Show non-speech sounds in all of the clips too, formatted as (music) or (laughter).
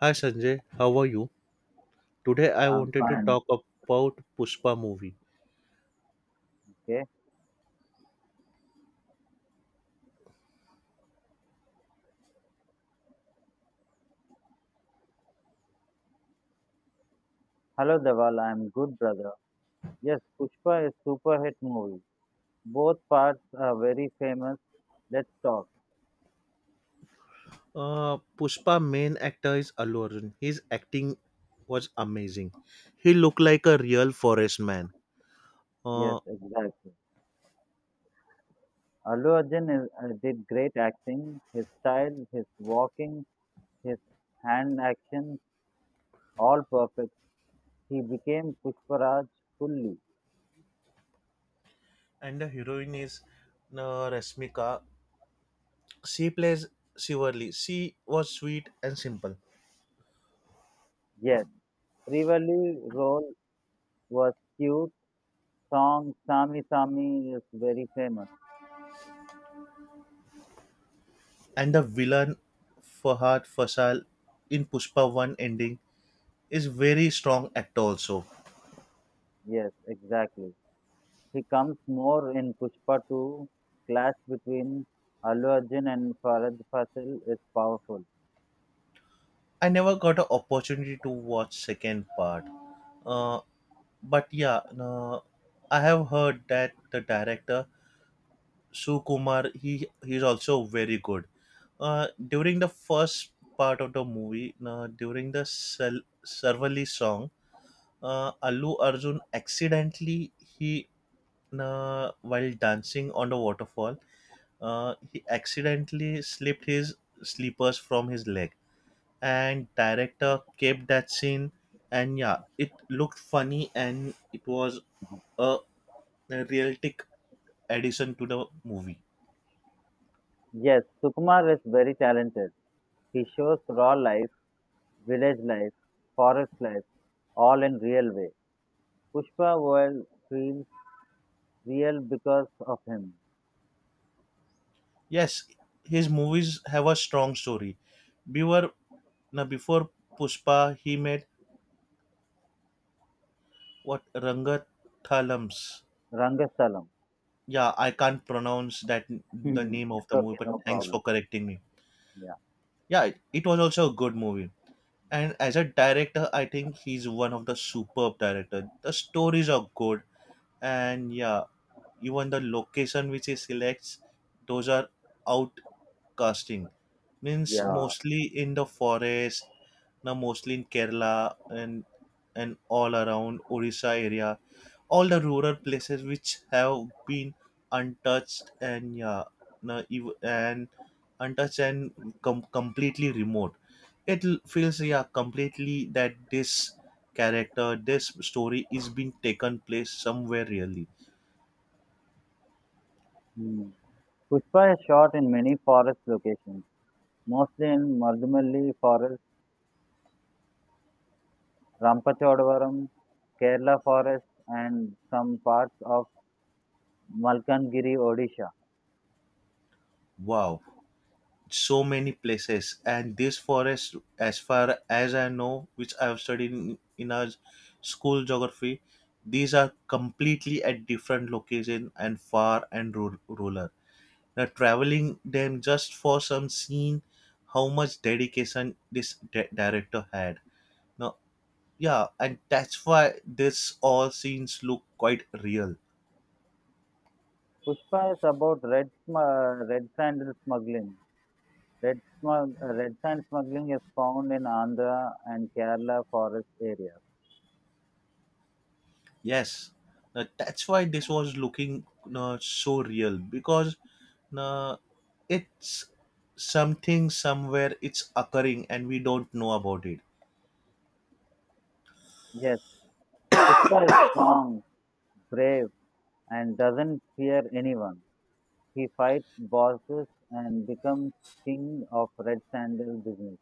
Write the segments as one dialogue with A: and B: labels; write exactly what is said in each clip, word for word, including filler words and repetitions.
A: Hi Sanjay, how are you? Today I
B: I'm
A: wanted to
B: fine.
A: talk about Pushpa movie.
B: Okay. Hello, Deval. I'm good, brother. Yes, Pushpa is super hit movie. Both parts are very famous. Let's talk.
A: Uh, Pushpa main actor is Allu Arjun. His acting was amazing. He looked like a real forest man.
B: Yes,
A: Uh,
B: exactly. Allu Arjun is, uh, did great acting. His style, his walking, his hand actions, all perfect. He became Pushparaj fully.
A: and the heroine is uh, Rasmika. She plays Shivarli. She was sweet and simple.
B: Yes, Trivali role was cute. Song Sami Sami is very famous.
A: And the villain Fahad Fasal in Pushpa one ending is very strong actor also.
B: Yes, exactly. He comes more in Pushpa two. Clash between Allu Arjun and Farhad Fasil is powerful.
A: I never got an opportunity to watch second part. Uh, but yeah, no, I have heard that the director Sukumar he he's also very good. Uh, during the first part of the movie, no, during the Sel- Sarvali song, uh, Allu Arjun accidentally he no, while dancing on the waterfall, uh, he accidentally slipped his slippers from his leg, and director kept that scene, and yeah, it looked funny, and it was a realistic addition to the movie.
B: Yes, Sukumar is very talented. He shows raw life, village life, forest life, all in real way. Pushpa world feels real because of him.
A: Yes, his movies have a strong story. Before, now Before Pushpa, he made what, Rangathalams?
B: Rangasalam.
A: Yeah, I can't pronounce that, the
B: Hmm.
A: name of
B: It's
A: the movie,
B: okay,
A: but
B: no
A: thanks for
B: problem.
A: correcting me.
B: Yeah.
A: Yeah, it, it was also a good movie, and as a director, I think he's one of the superb director the stories are good, and yeah, even the location which he selects, those are outcasting, means
B: Yeah.
A: mostly in the forest. Now mostly in Kerala, and and all around Orissa area, all the rural places which have been untouched. And yeah, now ev- and untouched and com- completely remote. It l- feels, yeah, completely that this character, this story is being taken place somewhere really.
B: Hmm. Pushpa is shot in many forest locations, mostly in Mardumalli forest Ramachodavaram, Kerala Forest and some parts of Malkangiri, Odisha.
A: Wow, so many places. And this forest, as far as I know, which I have studied in, in our school geography, these are completely at different location and far and ru- rural. Now traveling them just for some scene, how much dedication this di- director had. Now yeah, and that's why this all scenes look quite real.
B: Pushpa is about red, sm- uh, red sandal smuggling. Red, smug, uh, red sand smuggling is found in Andhra and Kerala forest areas.
A: Yes, uh, that's why this was looking uh, so real because uh, it's something somewhere it's occurring and we don't know about it.
B: Yes, Pushpa is strong, brave, and doesn't fear anyone. He fights bosses and becomes king of red sandal business.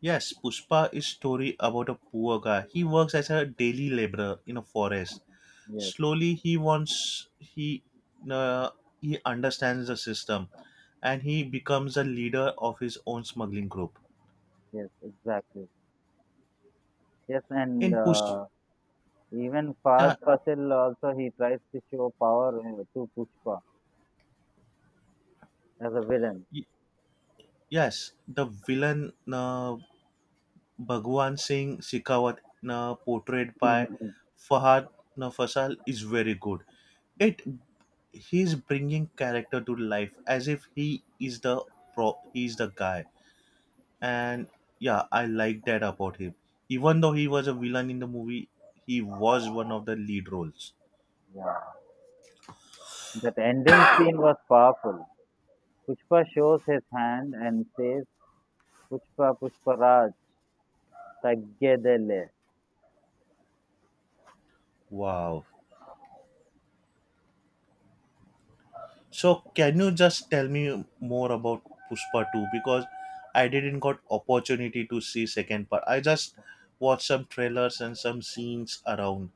A: Yes, Pushpa is story about a poor guy. He works as a daily laborer in a forest.
B: Yes,
A: Slowly, he wants he uh, he understands the system, and he becomes a leader of his own smuggling group.
B: yes, exactly. Yes, and
A: In Pushpa,
B: uh, even Fahad Fasil also he tries to show power uh, to Pushpa as a villain.
A: yes, the villain, uh, Bhagwan Singh Shekhawat na, portrayed by
B: Mhm.
A: Fahad na Fasal, is very good. It He's bringing character to life as if he is the pro he's the guy. And yeah, I like that about him. Even though he was a villain in the movie, he was one of the lead roles.
B: That ending scene was powerful. Pushpa shows his hand and says, Pushpa Pushpa Raj, Taggedele.
A: Wow. So can you just tell me more about Pushpa two, because I didn't got opportunity to see second part. I just watched some trailers and some scenes around.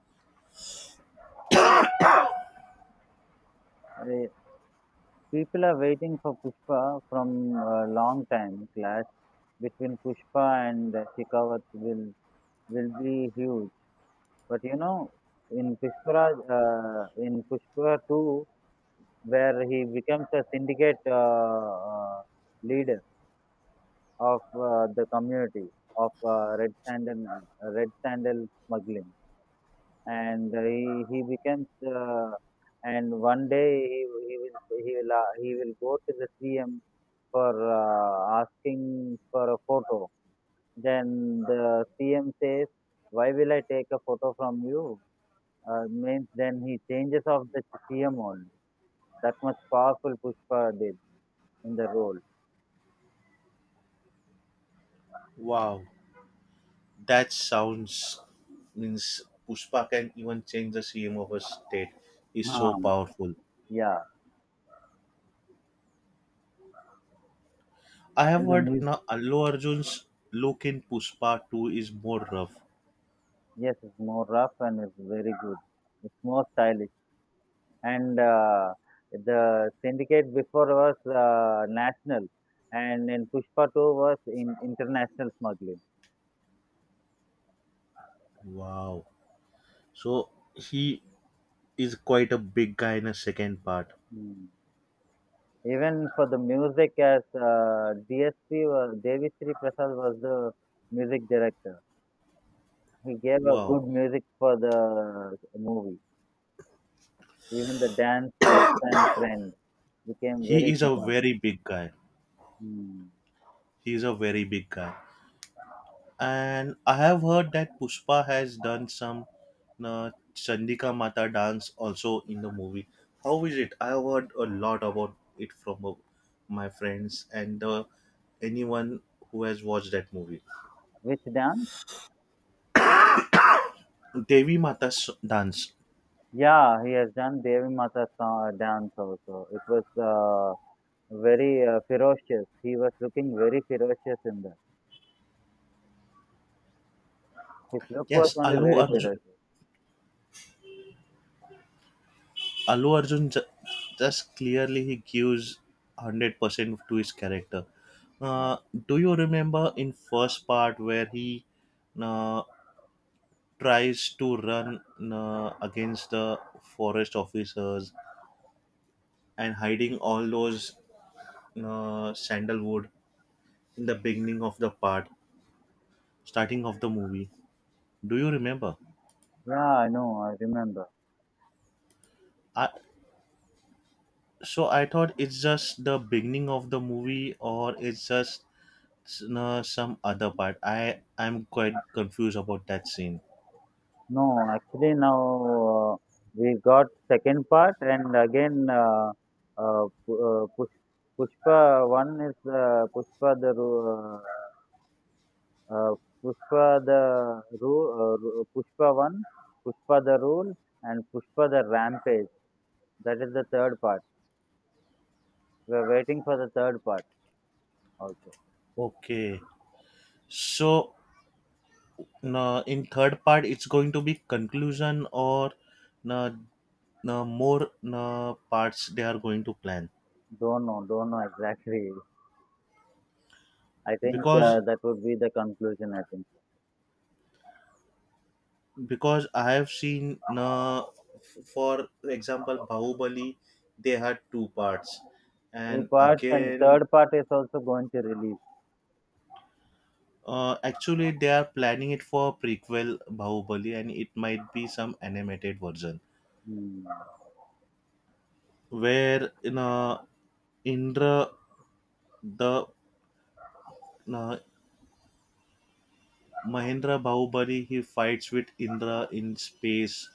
B: Uh, People are waiting for Pushpa from a long time. Clash between Pushpa and uh, Shikavat will will be huge. But you know, in Pushpa, uh, in Pushpa two, where he becomes a syndicate uh, uh, leader of uh, the community of uh, red sandal red sandal smuggling and he he becomes uh, and one day he, he will he will uh, he will go to the CM for uh, asking for a photo. Then the CM says, why will I take a photo from you? Uh, means then he changes of the CM only. That much powerful Pushpa did in the role.
A: Wow, that sounds, means, Pushpa can even change the C M of a state. Is so
B: Um,
A: powerful.
B: yeah,
A: I have
B: and the
A: heard
B: music,
A: now Allu Arjun's look in Pushpa two is more rough.
B: yes, it's more rough and it's very good. It's more stylish. And uh, the syndicate before was uh, national, and in Pushpa two was in international smuggling.
A: Wow. So he is quite a big guy in a second part.
B: Mm. Even for the music, as uh, D S P, was, Devi Sri Prasad was the music director. He gave a
A: Wow.
B: good music for the movie. Even the dance steps and trend became
A: He
B: very
A: is a
B: famous.
A: very big guy.
B: Mm.
A: He's a very big guy. And I have heard that Pushpa has done some uh, Chandika Mata dance also in the movie. How is it? I have heard a lot about it from uh, my friends and uh, anyone who has watched that movie.
B: Which dance?
A: Devi Mata's dance.
B: Yeah, he has done Devi Mata song, dance also. It was uh, very uh, ferocious. He was looking very ferocious in that. His look was
A: Yes,
B: only
A: Alu
B: very
A: Arjun,
B: ferocious.
A: Alu Arjun ju- just clearly he gives one hundred percent to his character. Uh, do you remember in first part where he uh, tries to run uh, against the forest officers and hiding all those uh, sandalwood in the beginning of the part, starting of the movie, do you remember?
B: Yeah, I know, I remember.
A: I so I thought it's just the beginning of the movie or it's just uh, some other part i i'm quite confused about that scene.
B: No, actually now uh, we got second part and again uh, uh, Pu- uh, Push- Pushpa one is uh, Pushpa the Ru- uh, uh, Pushpa the Rule, uh, Ru- Pushpa one, Pushpa the Rule, and Pushpa the Rampage. That is the third part. We're waiting for the third part also.
A: Okay, so uh, in third part, it's going to be conclusion, or uh, uh, more uh, parts they are going to plan?
B: Don't know, don't know exactly. I think
A: Because
B: uh, that would be the conclusion. I think
A: because I have seen, uh, f- for example, Bahubali, they had two parts,
B: two
A: and
B: parts and
A: again,
B: third part is also going to release.
A: uh, actually they are planning it for prequel Bahubali, and it might be some animated version
B: Hmm.
A: where uh, Indra the uh, Mahendra Bahubali, he fights with Indra in space,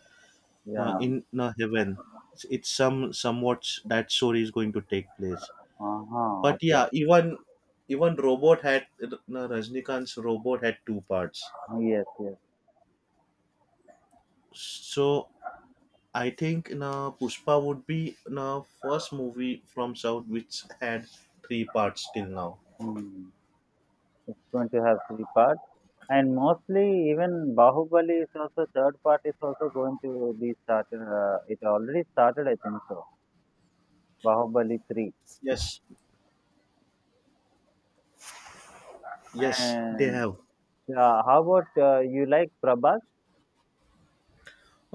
A: now
B: Yeah.
A: in now heaven. It's, it's some, somewhat, that story is going to take place.
B: Uh huh.
A: But
B: Okay.
A: yeah, even even Robot had, now Rajnikant's Robot had two parts.
B: Yes. Yes.
A: So I think now Pushpa would be now first movie from South which had three parts till now.
B: Hmm. It's going to have three parts, and mostly even Bahubali is also third part is also going to be started. Uh, it already started, I think so. Bahubali three
A: Yes, yes, they
B: and.
A: have.
B: Yeah, how about uh, you like Prabhas?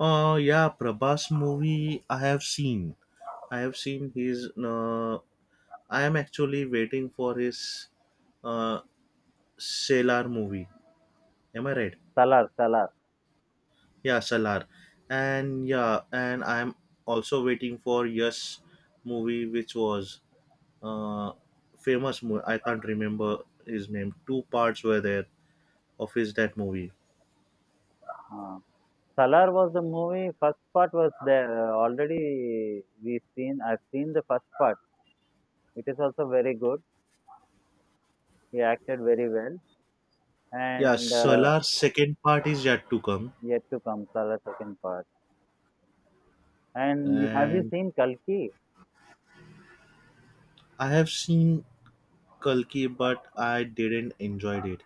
A: uh Yeah, Prabhas movie I have seen. I have seen his uh, I am actually waiting for his uh sailor movie. Am I right?
B: Salar, Salar.
A: Yeah, Salar. And yeah, and I'm also waiting for Yes movie, which was uh famous movie. I can't remember his name. Two parts were there of his that movie.
B: Uh, Salar was the movie. First part was there uh, already. We seen. I've seen the first part. It is also very good. He acted very well,
A: Yeah,
B: and uh,
A: Salar's second part is yet to come,
B: yet to come Salar second part. And have you
A: and
B: seen Kalki?
A: I have seen Kalki, but I didn't enjoyed it.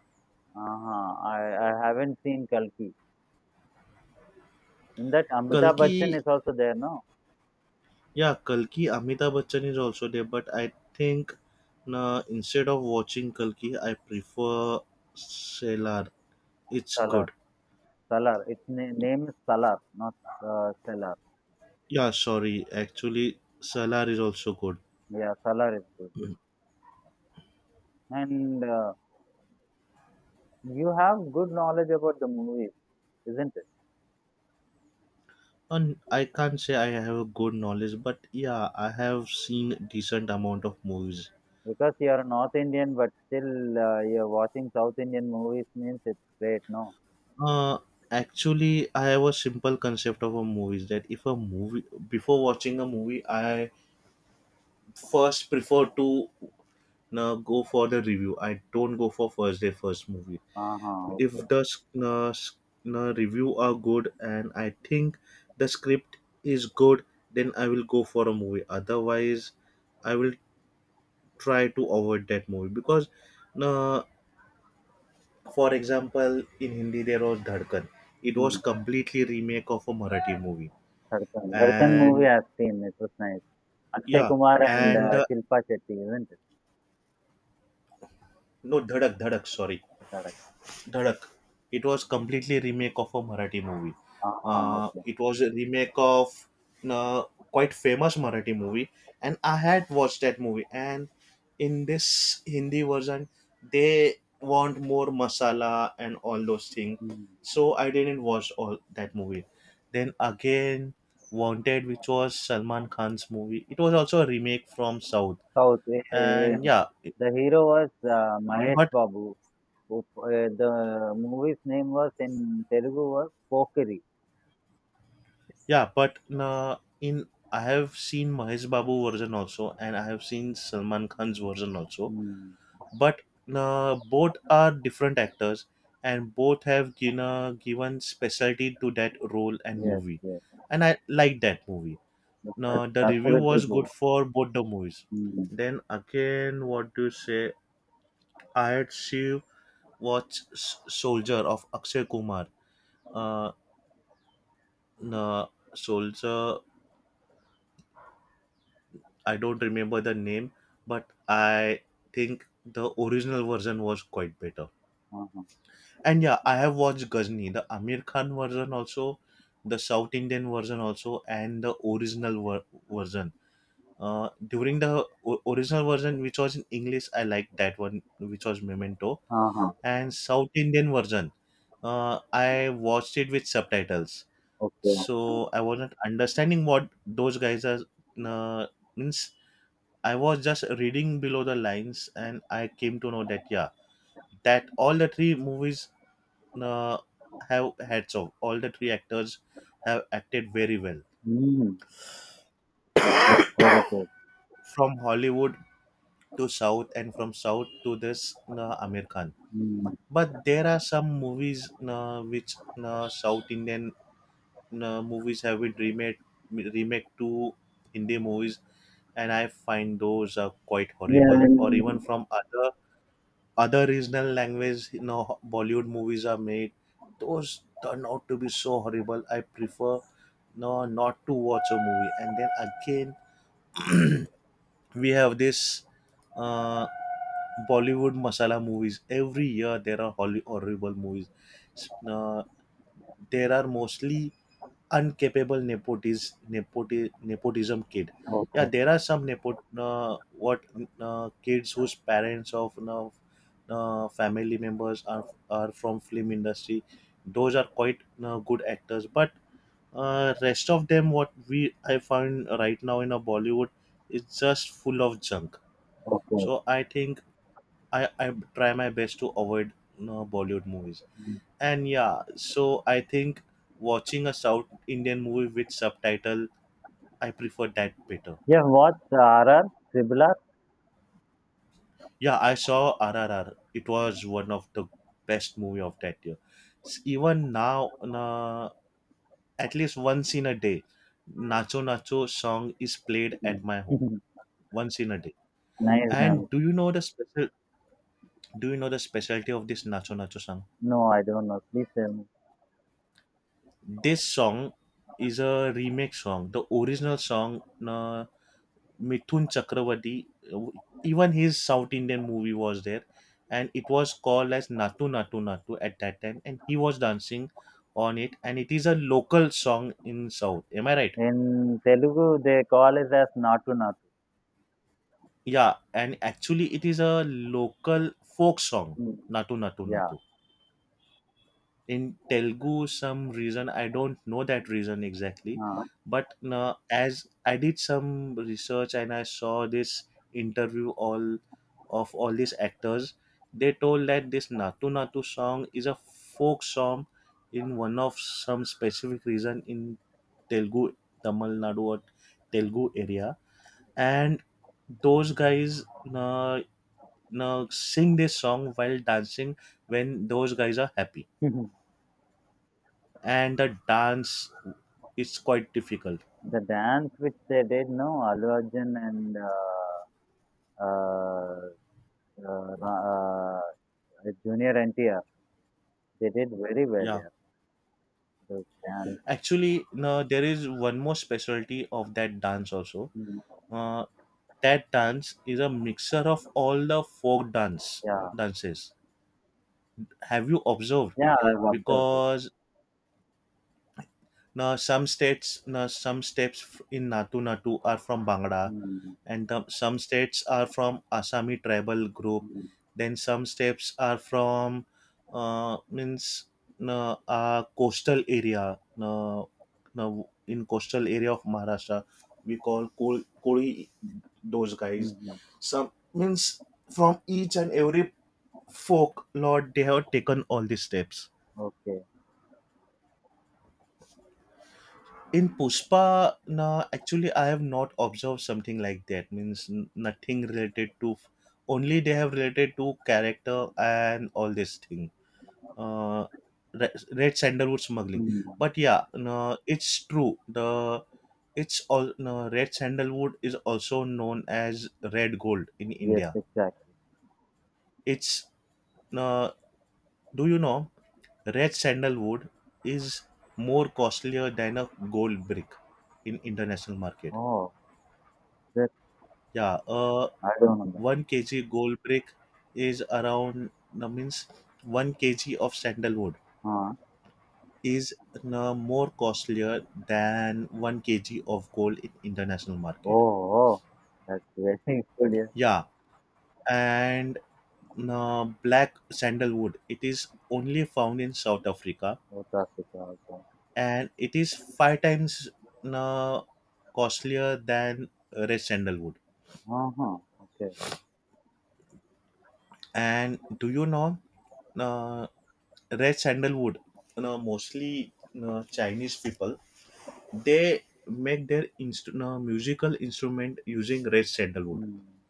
B: Uh-huh. I I haven't seen Kalki. In that Amitabh
A: Kalki,
B: Bachchan is also there, no?
A: yeah, Kalki. Amitabh Bachchan is also there, but I think, na, instead of watching Kalki, I prefer Salar. It's
B: Salar,
A: good.
B: Salar. Its na- name is Salar, not uh, Salar.
A: Yeah, sorry. Actually, Salar is also good.
B: Yeah, Salar is good. And uh, you have good knowledge about the movie, isn't it?
A: And I can't say I have a good knowledge, but yeah, I have seen decent amount of movies.
B: Because you are North Indian, but still uh, you're watching South Indian movies means it's great, no?
A: Uh, actually, I have a simple concept of a movie is that if a movie, before watching a movie, I first prefer to uh, go for the review. I don't go for first day first movie.
B: Uh-huh,
A: if
B: okay.
A: the s- uh, s- uh, review are good and I think the script is good, then I will go for a movie. Otherwise, I will try to avoid that movie because, uh, for example, in Hindi there was Dhadkan. It was
B: Hmm.
A: completely remake of a Marathi movie,
B: Dharkan. Dharkan movie
A: and
B: I've seen. It was nice. Akshay
A: yeah,
B: Kumar and
A: and
B: uh,
A: uh,
B: Shilpa Shetty, isn't it?
A: no Dhadak Dhadak. Sorry,
B: Correct.
A: Dhadak. It was completely remake of a Marathi movie.
B: Uh-huh,
A: Uh,
B: okay.
A: it was a remake of uh, quite famous Marathi movie, and I had watched that movie. And in this Hindi version, they want more masala and all those things.
B: Hmm.
A: So I didn't watch all that movie. Then again, Wanted, which was Salman Khan's movie. It was also a remake from South,
B: South. Eh, eh, eh.
A: and yeah,
B: The hero was uh, Mahesh
A: but
B: Babu. Who- eh, The movie's name was in Telugu was Pokari.
A: yeah, but nah, in I have seen Mahesh Babu version also, and I have seen Salman Khan's version also.
B: Hmm.
A: But nah, both are different actors, and both have given given specialty to that role and
B: Yes,
A: movie,
B: yes.
A: and I like that movie. Nah,
B: That's
A: the review
B: absolutely
A: was good
B: good.
A: for both the movies.
B: Hmm.
A: Then again, what do you say? I had see watch S- Soldier of Akshay Kumar. Uh, nah, Soldier, I don't remember the name, but I think the original version was quite better.
B: Uh-huh.
A: And yeah, I have watched Ghazni, the Amir Khan version also, the South Indian version also, and the original ver- version. Uh, during the o- original version, which was in English, I liked that one, which was Memento,
B: Uh-huh.
A: and South Indian version. Uh, I watched it with subtitles,
B: Okay.
A: so I wasn't understanding what those guys are, uh, means I was just reading below the lines, and I came to know that yeah, that all the three movies uh, have heads off. All the three actors have acted very well,
B: Mm. Yeah, that's very good.
A: from Hollywood to South, and from South to this uh, Amir Khan.
B: Mm.
A: But there are some movies, uh, which uh, South Indian uh, movies have been remade remake to Hindi movies, and I find those are quite
B: Yeah,
A: horrible.
B: and
A: Or even from other other regional language, you know, Bollywood movies are made, those turn out to be so horrible. I prefer, no not to watch a movie. And then again, we have this uh, Bollywood masala movies. Every year there are hol- horrible movies. S- uh, there are mostly uncapable nepotis, nepoti, nepotism kid. Yeah,
B: okay.
A: there are some nepot uh, what uh, kids whose parents of, you know, uh, family members are are from film industry. Those are quite uh, good actors, but uh, rest of them, what we I find right now in a Bollywood is just full of junk.
B: Okay.
A: So I think I I try my best to avoid uh, Bollywood movies. And yeah, so I think watching a South Indian movie with subtitle, I prefer that better.
B: You have watched R R, Tribular?
A: Yeah, I saw R R R. It was one of the best movie of that year. S- Even now, na, at least once in a day, Nacho Nacho song is played at my home
B: Mm. (laughs)
A: once in a day.
B: Nice.
A: And
B: Dance.
A: do you know the special? Do you know the specialty of this Nacho Nacho song?
B: No, I don't know. Please tell me.
A: This song is a remake song. The original song, na, Mithun Chakravarti. Uh, Even his South Indian movie was there, and it was called as Natu Natu Natu at that time, and he was dancing on it, and it is a local song in South. Am I right?
B: In Telugu, they call it as Natu Natu.
A: Yeah, and actually it is a local folk song,
B: Mm.
A: Natu Natu
B: Yeah.
A: Natu. In Telugu some reason I don't know that reason exactly
B: Uh,
A: but uh, as I did some research and I saw this interview all of all these actors they told that this Natu Natu song is a folk song in one of some specific reason in Telugu Tamil Nadu or Telugu area and those guys uh, uh, sing this song while dancing when those guys are happy
B: (laughs)
A: and the dance is quite difficult.
B: the dance which they did, no, Allu Arjun and uh, uh, uh, Ra- uh, Junior N T R, they did very well.
A: Yeah,
B: Yeah, the dance.
A: actually, no, there is one more specialty of that dance also.
B: Mm.
A: Uh, that dance is a mixture of all the folk dance
B: Yeah.
A: dances. Have you observed?
B: Yeah, I've observed it.
A: Because now, some states, now some steps f- in Natu Natu are from Bangla,
B: Mm,
A: and the- some states are from Assami tribal group.
B: mm,
A: Then some steps are from uh, means uh, uh, coastal area. Uh, now in coastal area of Maharashtra, we call Kol- Koli those
B: mm,
A: guys.
B: mm.
A: Some means from each and every folk lord they have taken all these steps.
B: Okay.
A: In Pushpa, na actually I have not observed something like that. Means n- nothing related to. Only they have related to character and all this thing. Uh, re- Red sandalwood smuggling.
B: Mm,
A: But yeah, no, it's true. The it's all no, red sandalwood is also known as red gold in
B: yes,
A: India.
B: exactly.
A: It's no, do you know red sandalwood is more costlier than a gold brick in international market?
B: Oh, that
A: Yeah, uh,
B: I don't know
A: one kg gold brick is around uh, means one kg of sandalwood
B: that. Uh,
A: is uh, more costlier than one kg of gold in international market.
B: oh, oh, that's very (laughs) good. Yes,
A: Yeah, and uh, black sandalwood, it is only found in South Africa,
B: South Africa. Okay.
A: and it is five times uh, costlier than red sandalwood.
B: Uh-huh. Okay.
A: And do you know? uh, Red sandalwood, you know, mostly, you know, Chinese people, they make their inst- you know, musical instrument using red sandalwood,
B: Mm,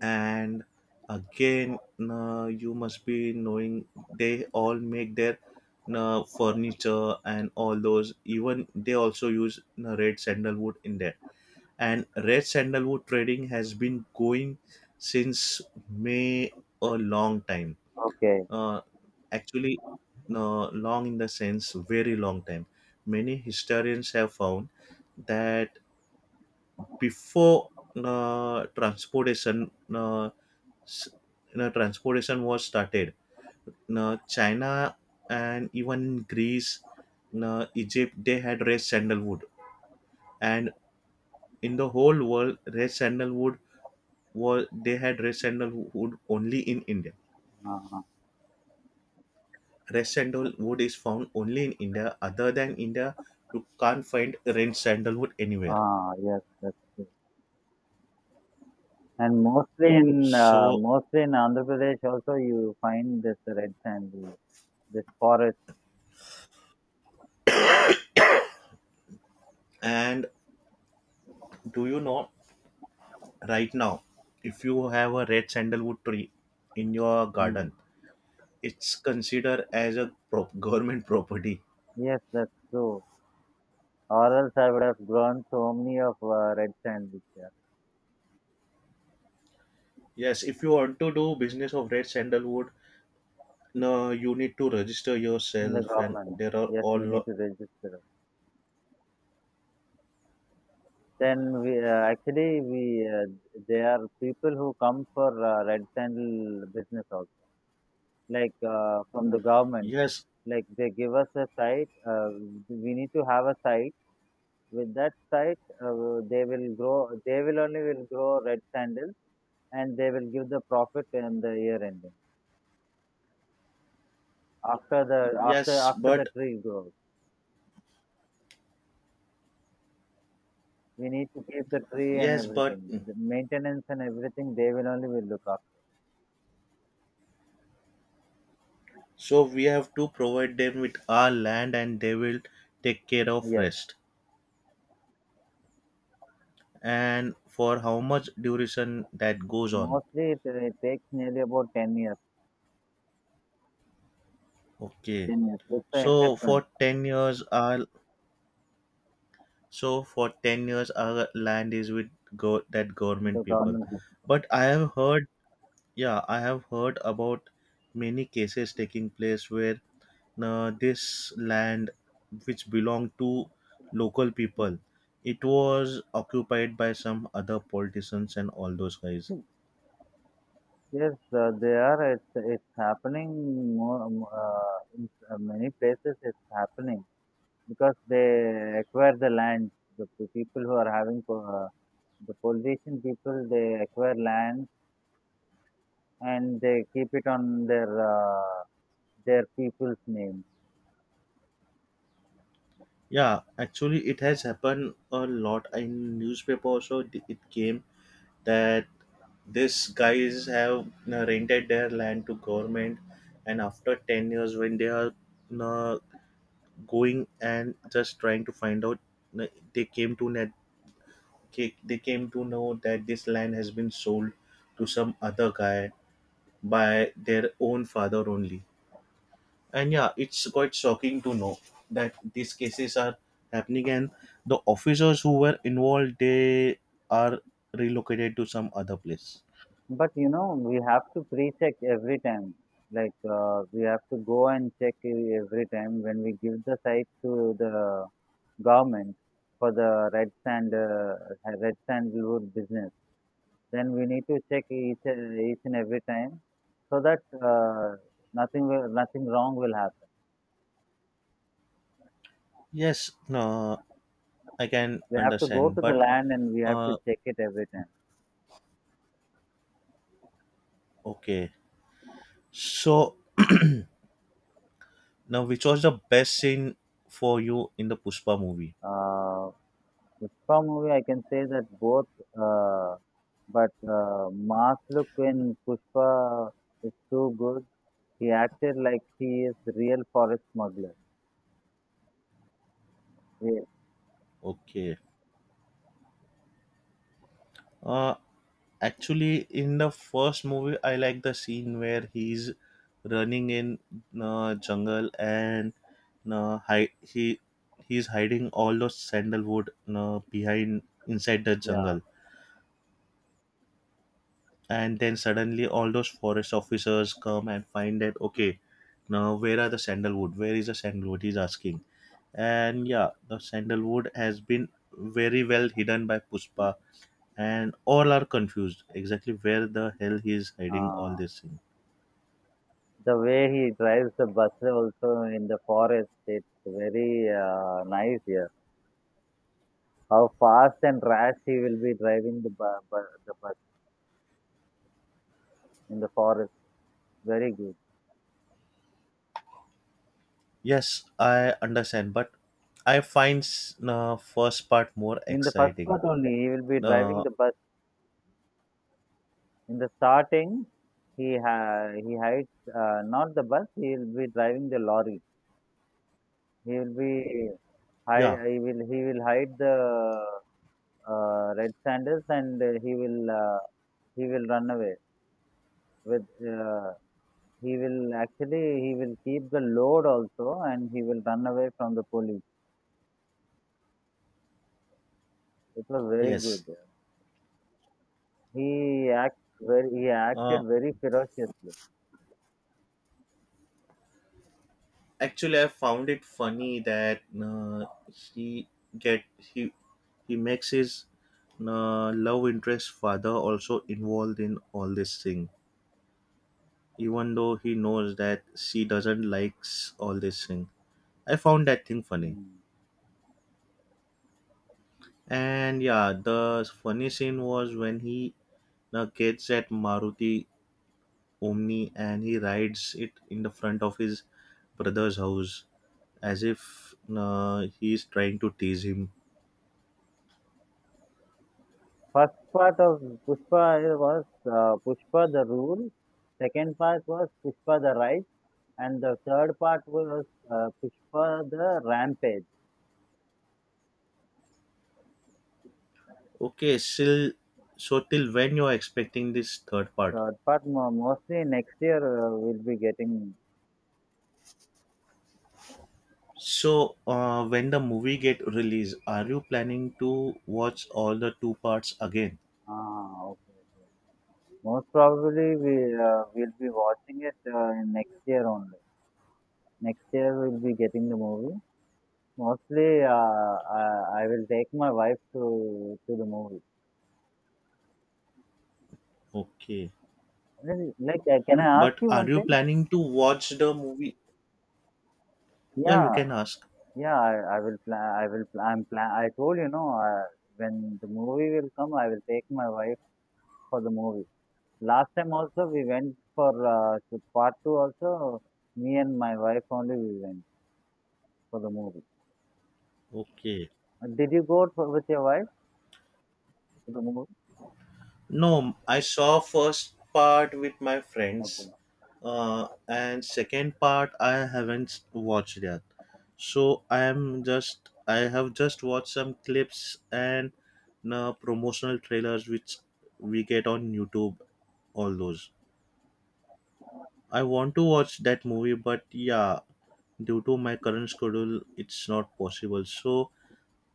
A: and again, you know, you must be knowing they all make their, you know, furniture and all those, even they also use, you know, red sandalwood in there, and red sandalwood trading has been going since may a long time.
B: okay.
A: uh, Actually no, long in the sense very long time, many historians have found that before uh, transportation uh, s- you transportation was started, uh, China and even Greece, uh, Egypt, they had red sandalwood, and in the whole world red sandalwood was they had red sandalwood only in India.
B: Uh-huh.
A: Red sandalwood is found only in India. Other than India, you can't find red sandalwood anywhere.
B: Ah, yes, that's true. And mostly in uh,
A: So,
B: mostly in Andhra Pradesh, also you find this red sand, this forest.
A: and do you know, right now, if you have a red sandalwood tree in your
B: Hmm.
A: garden, it's considered as a pro- (laughs) government property.
B: Yes, that's true. Or else I would have grown so many of uh, red sand beaches.
A: Yes, if you want to do business of red sandalwood, no, you need to register
B: In the
A: yourself, and
B: government.
A: there are
B: Yes,
A: all.
B: we need
A: Lo-
B: to register. Then we uh, actually we uh, there are people who come for uh, red sandal business also, like uh, from the government.
A: yes,
B: Like they give us a site. Uh, we need to have a site. With that site, uh, they will grow. They will only will grow red sandal, and they will give the profit in the year ending. After the After
A: yes,
B: after the
A: but
B: tree grows, we need to keep the tree and
A: yes, but
B: everything. The maintenance and everything, they will only will look after.
A: so we have to provide them with our land and they will take care of
B: Yes,
A: rest. And for how much duration that goes on.
B: mostly it, it takes nearly about ten years.
A: Okay.
B: ten years. It's an
A: So
B: investment,
A: for 10 years our so for ten years our land is with go- that
B: in
A: government
B: the
A: people.
B: government. is-
A: But I have heard, yeah, I have heard about many cases taking place where uh, this land which belonged to local people, it was occupied by some other politicians and all those guys.
B: Yes, uh, they are. It's, it's happening more, um, uh, in uh, many places. It's happening because they acquire the land. The p- people who are having po- uh, the politician people, they acquire land and they keep it on their uh, their people's name.
A: Yeah, actually it has happened a lot in newspaper also, th- it came that these guys have uh, rented their land to government, and after ten years when they are uh, going and just trying to find out, uh, they came to net ca- they came to know that this land has been sold to some other guy by their own father only. And yeah, it's quite shocking to know that these cases are happening, and the officers who were involved, they are relocated to some other place.
B: But you know, we have to pre-check every time. Like uh, we have to go and check e- every time when we give the site to the government for the red sand, uh, red sandalwood business. Then we need to check each and each and every time so that uh, nothing will, nothing wrong will happen.
A: Yes, no, I can
B: We have to go
A: understand,
B: to the
A: but
B: land and we have to
A: uh
B: check it every time.
A: okay, so now, which was the best scene for you in the Pushpa movie?
B: Uh, Pushpa movie, I can say that both, uh, but uh, Mass look in Pushpa is too good. He acted like he is real forest smuggler. Ye-
A: Okay. uh Actually, in the first movie, I like the scene where he's running in uh, jungle, and uh, hi- he he's hiding all those sandalwood uh, behind, inside the
B: Yeah.
A: jungle, and then suddenly all those forest officers come and find that, okay, now where are the sandalwood? Where is the sandalwood? He's asking, and yeah, the sandalwood has been very well hidden by Puspa, and all are confused exactly where the hell he is hiding all
B: Uh,
A: this thing.
B: the way he drives the bus also in the forest, it's very uh, nice here. How fast and rash he will be driving the, bu- bu- the bus in the forest. Very good.
A: Yes, I understand, but I find s- uh, first part more
B: In the first
A: exciting.
B: part only, he will be driving
A: Uh,
B: the bus. In the starting, he ha- he hides uh, not the bus. He will be driving the lorry. He will be
A: yeah,
B: hide. He will he will hide the uh, red sanders and uh, he will uh, he will run away with. Uh, he will actually he will keep the load also and he will run away from the police. It was very
A: yes.
B: good. He acts very he acted
A: Uh,
B: very ferociously.
A: Actually, I found it funny that uh, he get he he makes his uh, love interest father also involved in all this thing, even though he knows that she doesn't likes all this thing. I found that thing funny, and yeah, the funny scene was when he uh, gets at Maruti Omni and he rides it in the front of his brother's house as if uh, he is trying to tease him.
B: First part of Pushpa was uh, Pushpa the Rule, second part was Pushpa the Right, and the third part was uh, Pushpa the Rampage.
A: Okay, still, so till when you are expecting this third part?
B: Third part mo- mostly next year uh, we'll be getting.
A: So uh, when the movie get released, are you planning to watch all the two parts again?
B: Ah, okay. Most probably we uh, will be watching it uh, in next year only. Next year we'll be getting the movie. Mostly uh, uh, I will take my wife to to the movie.
A: Okay,
B: Really? Like, uh, can I ask
A: but
B: you
A: are
B: one
A: you
B: thing?
A: planning to watch the movie? Yeah, you
B: Yeah.
A: can ask.
B: Yeah, I, I will plan. I will. Pla- I'm plan. I told you, no. Uh, when the movie will come, I will take my wife for the movie. Last time also we went for uh, to part two. Also, me and my wife only we went for the movie.
A: Okay.
B: Uh, Did you go for, with your wife to the movie?
A: No, I saw first part with my
B: Okay.
A: friends, uh, and second part I haven't watched yet. So I am just I have just watched some clips and uh, promotional trailers which we get on YouTube. All those, I want to watch that movie, but yeah, due to my current schedule, it's not possible. So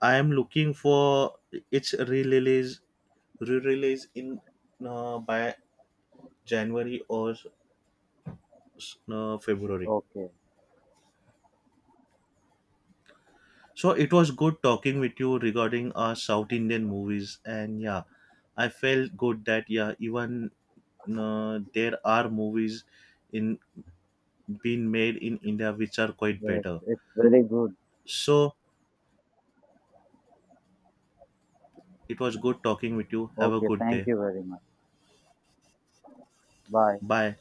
A: I am looking for its re-release re-release in uh, by January or uh, February.
B: Okay.
A: So it was good talking with you regarding our South Indian movies, and yeah, I felt good that yeah, even uh, there are movies in being made in India which are quite
B: Yes,
A: better.
B: it's very good.
A: So it was good talking with you. Have a
B: Okay.
A: good
B: Thank
A: day.
B: you very much. Bye.
A: Bye.